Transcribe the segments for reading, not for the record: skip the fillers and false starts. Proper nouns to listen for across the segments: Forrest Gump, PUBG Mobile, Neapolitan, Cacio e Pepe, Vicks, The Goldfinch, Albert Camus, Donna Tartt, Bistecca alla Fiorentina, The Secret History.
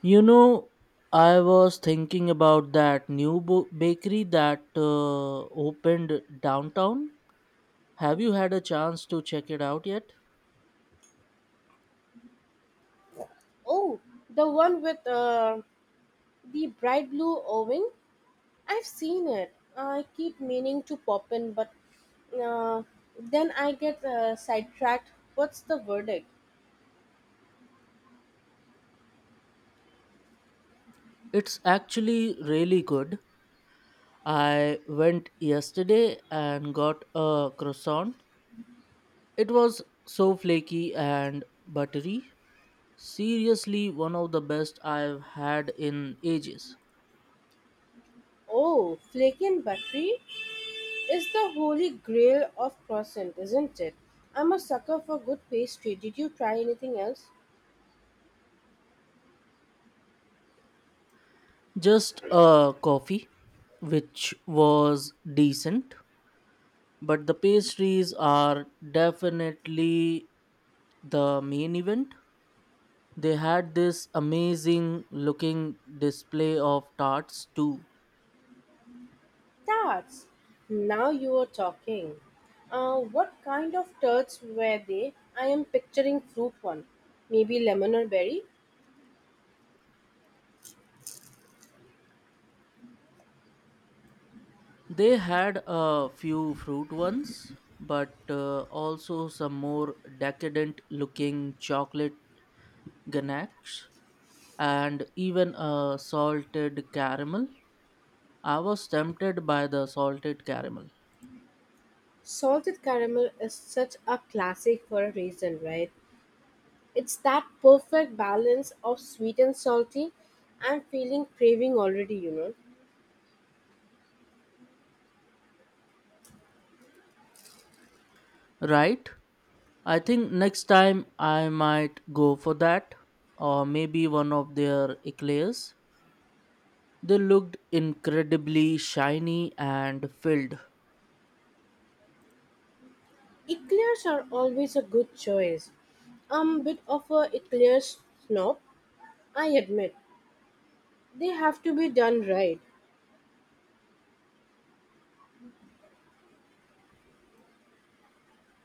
You know, I was thinking about that new bakery that opened downtown. Have you had a chance to check it out yet? Oh, the one with the bright blue oven. I've seen it. I keep meaning to pop in, but uh, then I get sidetracked. What's the verdict? It's actually really good. I went yesterday and got a croissant. It was so flaky and buttery. Seriously, one of the best I've had in ages. Oh, flaky and buttery is the holy grail of croissant, isn't it? I'm a sucker for good pastry. Did you try anything else? Just a coffee, which was decent. But the pastries are definitely the main event. They had this amazing looking display of tarts too. Tarts. Now you are talking. What kind of tarts were they? I am picturing fruit one. Maybe lemon or berry? They had a few fruit ones, but also some more decadent looking chocolate ganache and even a salted caramel. I was tempted by the salted caramel. Salted caramel is such a classic for a reason, right? It's that perfect balance of sweet and salty. I'm feeling craving already, you know. Right? I think next time I might go for that, or maybe one of their eclairs. They looked incredibly shiny and filled. Eclairs are always a good choice. I'm a bit of a eclairs snob, I admit. They have to be done right.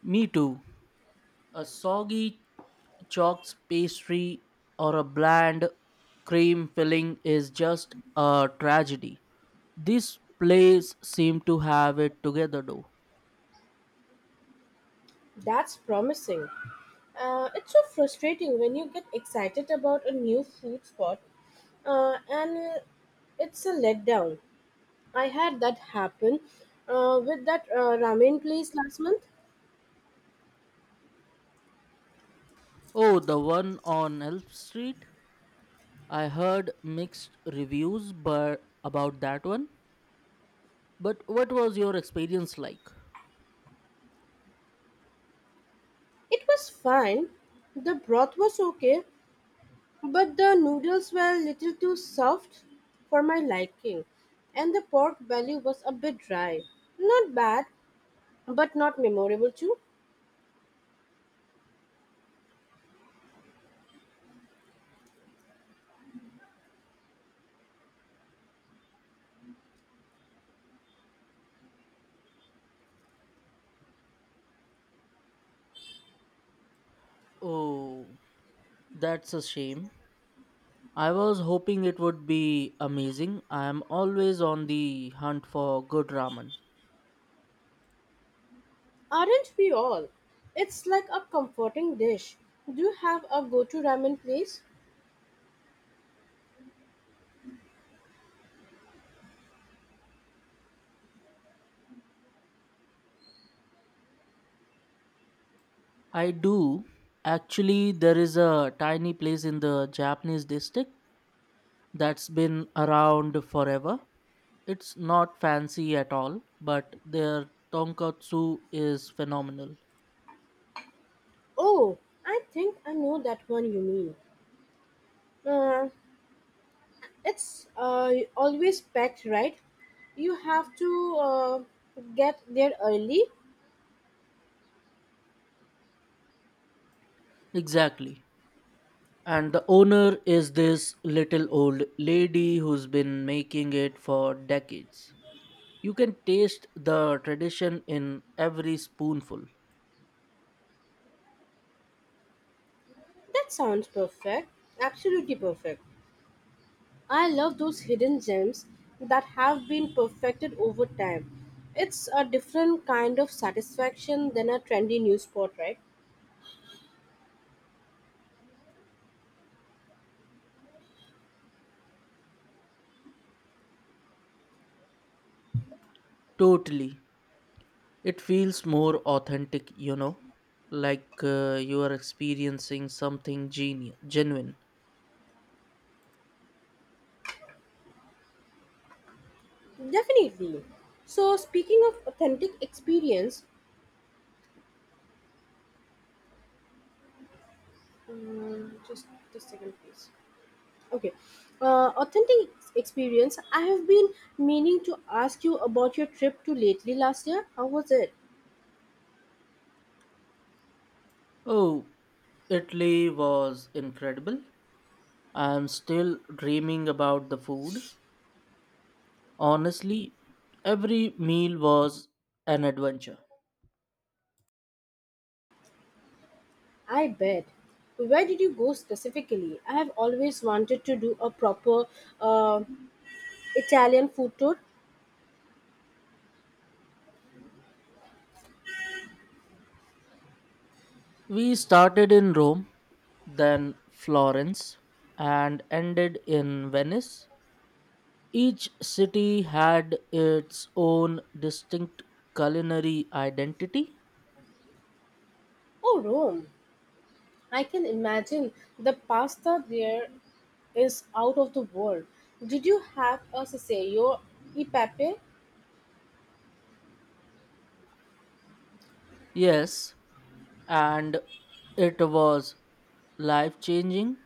Me too. A soggy chalks pastry or a bland cream filling is just a tragedy. This place seemed to have it together though. That's promising. It's so frustrating when you get excited about a new food spot and it's a letdown. I had that happen with that ramen place last month. Oh, the one on Elm Street? I heard mixed reviews but about that one. But what was your experience like? It was fine. The broth was okay, but the noodles were a little too soft for my liking, and the pork belly was a bit dry. Not bad, but not memorable too. Oh, that's a shame. I was hoping it would be amazing. I am always on the hunt for good ramen. Aren't we all? It's like a comforting dish. Do you have a go to ramen place? I do. Actually, there is a tiny place in the Japanese district that's been around forever. It's not fancy at all, but their tonkatsu is phenomenal. Oh, I think I know that one you mean. Uh, It's always packed, right? You have to uh, get there early. Exactly. And the owner is this little old lady who's been making it for decades. You can taste the tradition in every spoonful. That sounds perfect. Absolutely perfect. I love those hidden gems that have been perfected over time. It's a different kind of satisfaction than a trendy new spot, right? Totally. It feels more authentic, you know, like you are experiencing something genuine. Definitely. So, speaking of authentic experience, just a second, please. Okay. Authentic experience. I have been meaning to ask you about your trip to lately last year. How was it? Oh, Italy was incredible. I'm still dreaming about the food. Honestly, every meal was an adventure. I bet. Where did you go specifically? I have always wanted to do a proper uh, Italian food tour. We started in Rome, then Florence, and ended in Venice. Each city had its own distinct culinary identity. Oh, Rome. I can imagine the pasta there is out of the world. Did you have a Ceseo e Pepe? Yes, and it was life changing.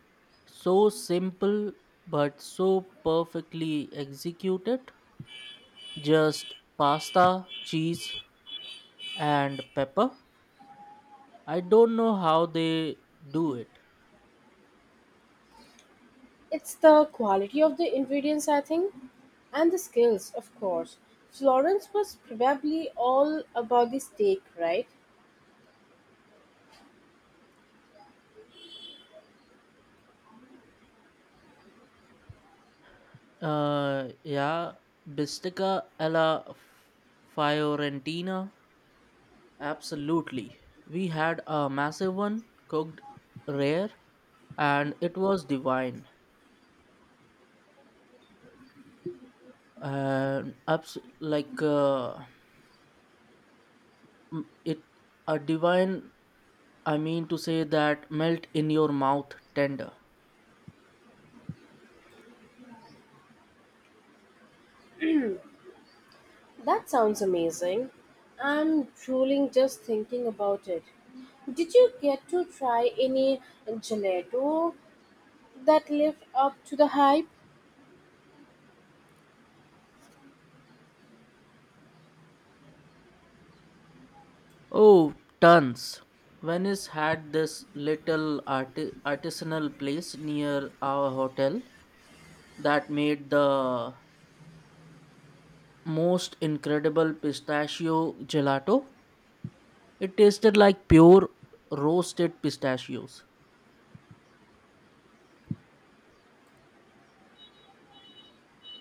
So simple, but so perfectly executed. Just pasta, cheese, and pepper. I don't know how they do it. It's the quality of the ingredients, I think, and the skills, of course. Florence was probably all about the steak, right? Yeah, Bistica alla Fiorentina. Absolutely. We had a massive one cooked rare and it was divine. And abs- like m- it a divine I mean to say that melt in your mouth tender. That sounds amazing. I'm drooling just thinking about it. Did you get to try any gelato that lived up to the hype? Oh, tons. Venice had this little artisanal place near our hotel that made the most incredible pistachio gelato. It tasted like pure roasted pistachios.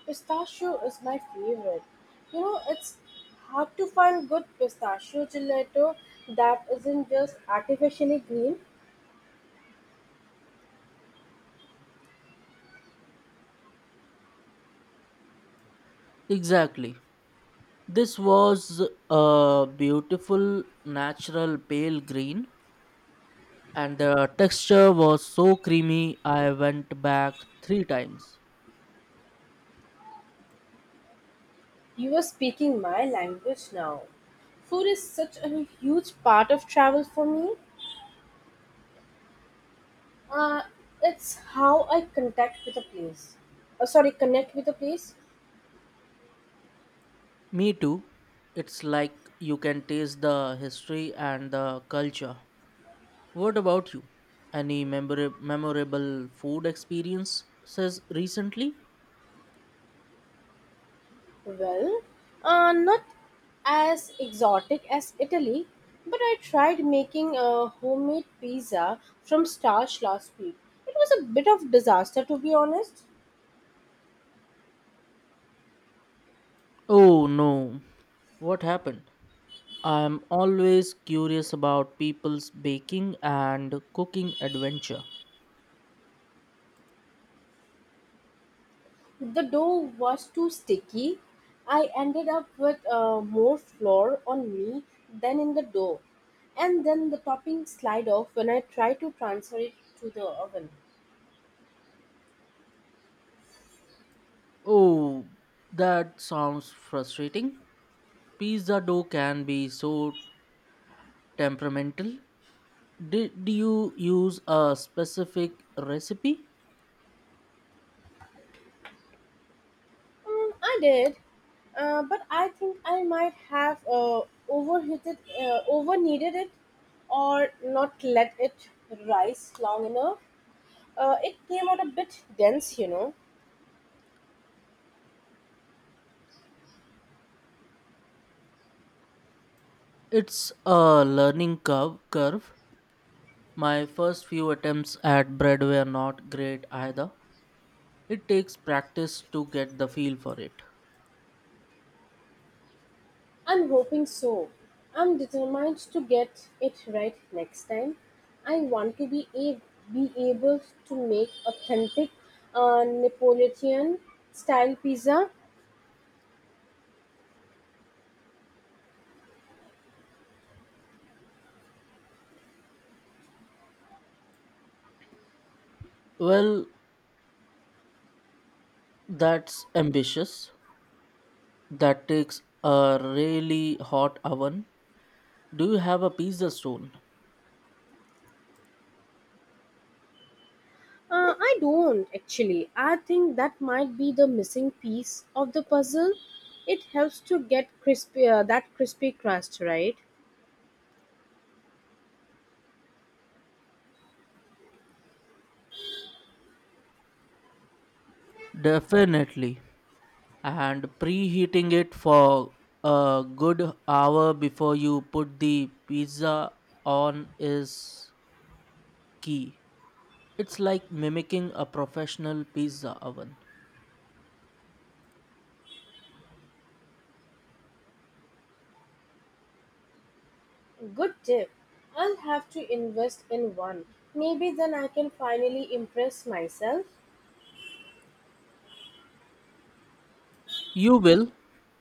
Pistachio is my favorite. You know, it's hard to find good pistachio gelato that isn't just artificially green. Exactly. This was a beautiful natural pale green and the texture was so creamy I went back 3 times. You are speaking my language now. Food is such a huge part of travel for me. Uh, it's how I contact with a place. Sorry, connect with a place. Me too. It's like you can taste the history and the culture. What about you? Any memorable food experiences recently? Well, not as exotic as Italy, but I tried making a homemade pizza from starch last week. It was a bit of disaster, to be honest. Oh no, what happened? I'm always curious about people's baking and cooking adventure. The dough was too sticky. I ended up with more flour on me than in the dough. And then the topping slide off when I tried to transfer it to the oven. Oh, that sounds frustrating. Pizza dough can be so temperamental. Did you use a specific recipe? I did, but I think I might have overheated, over kneaded it, or not let it rise long enough. It came out a bit dense, you know. It's a learning curve. My first few attempts at bread were not great either. It takes practice to get the feel for it. I'm hoping so. I'm determined to get it right next time. I want to be able to make authentic Neapolitan style pizza. Well, that's ambitious. That takes a really hot oven. Do you have a pizza stone? I don't actually. I think that might be the missing piece of the puzzle. It helps to get crispy that crispy crust, right? Definitely. And preheating it for a good hour before you put the pizza on is key. It's like mimicking a professional pizza oven. Good tip. I'll have to invest in one. Maybe then I can finally impress myself. You will.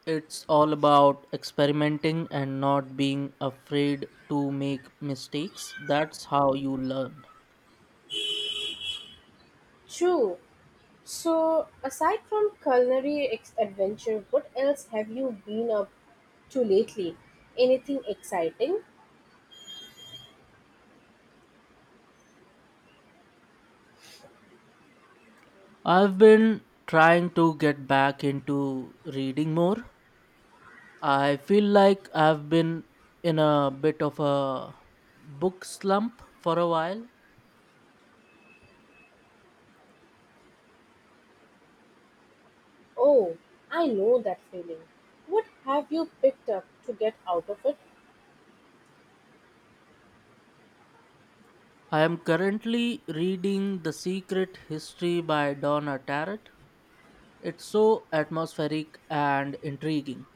It's all about experimenting and not being afraid to make mistakes. That's how you learn. True. So, aside from adventure, what else have you been up to lately? Anything exciting? I've been trying to get back into reading more. I feel like I've been in a bit of a book slump for a while. Oh, I know that feeling. What have you picked up to get out of it? I am currently reading The Secret History by Donna Tartt. It's so atmospheric and intriguing.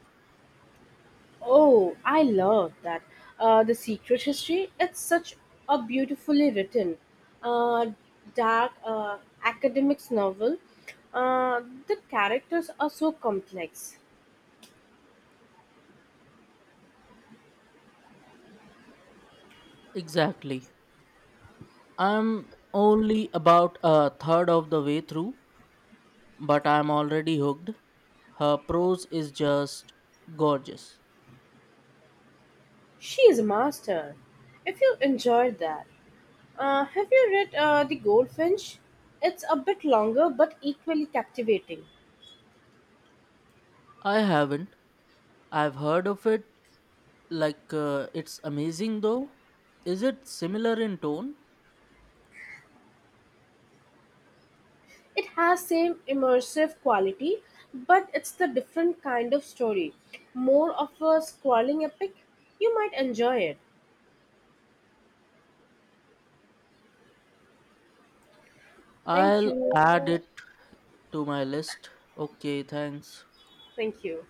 Oh, I love that. The Secret History, it's such a beautifully written, uh, dark academics novel. The characters are so complex. Exactly. I'm only about a third of the way through, but I'm already hooked. Her prose is just gorgeous. She is a master. If you enjoyed that, have you read The Goldfinch? It's a bit longer but equally captivating. I haven't. I've heard of it. Like, it's amazing though. Is it similar in tone? It has same immersive quality, but it's the different kind of story. More of a scrolling epic. You might enjoy it. Thank I'll you. add it to my list. Okay, thanks. Thank you.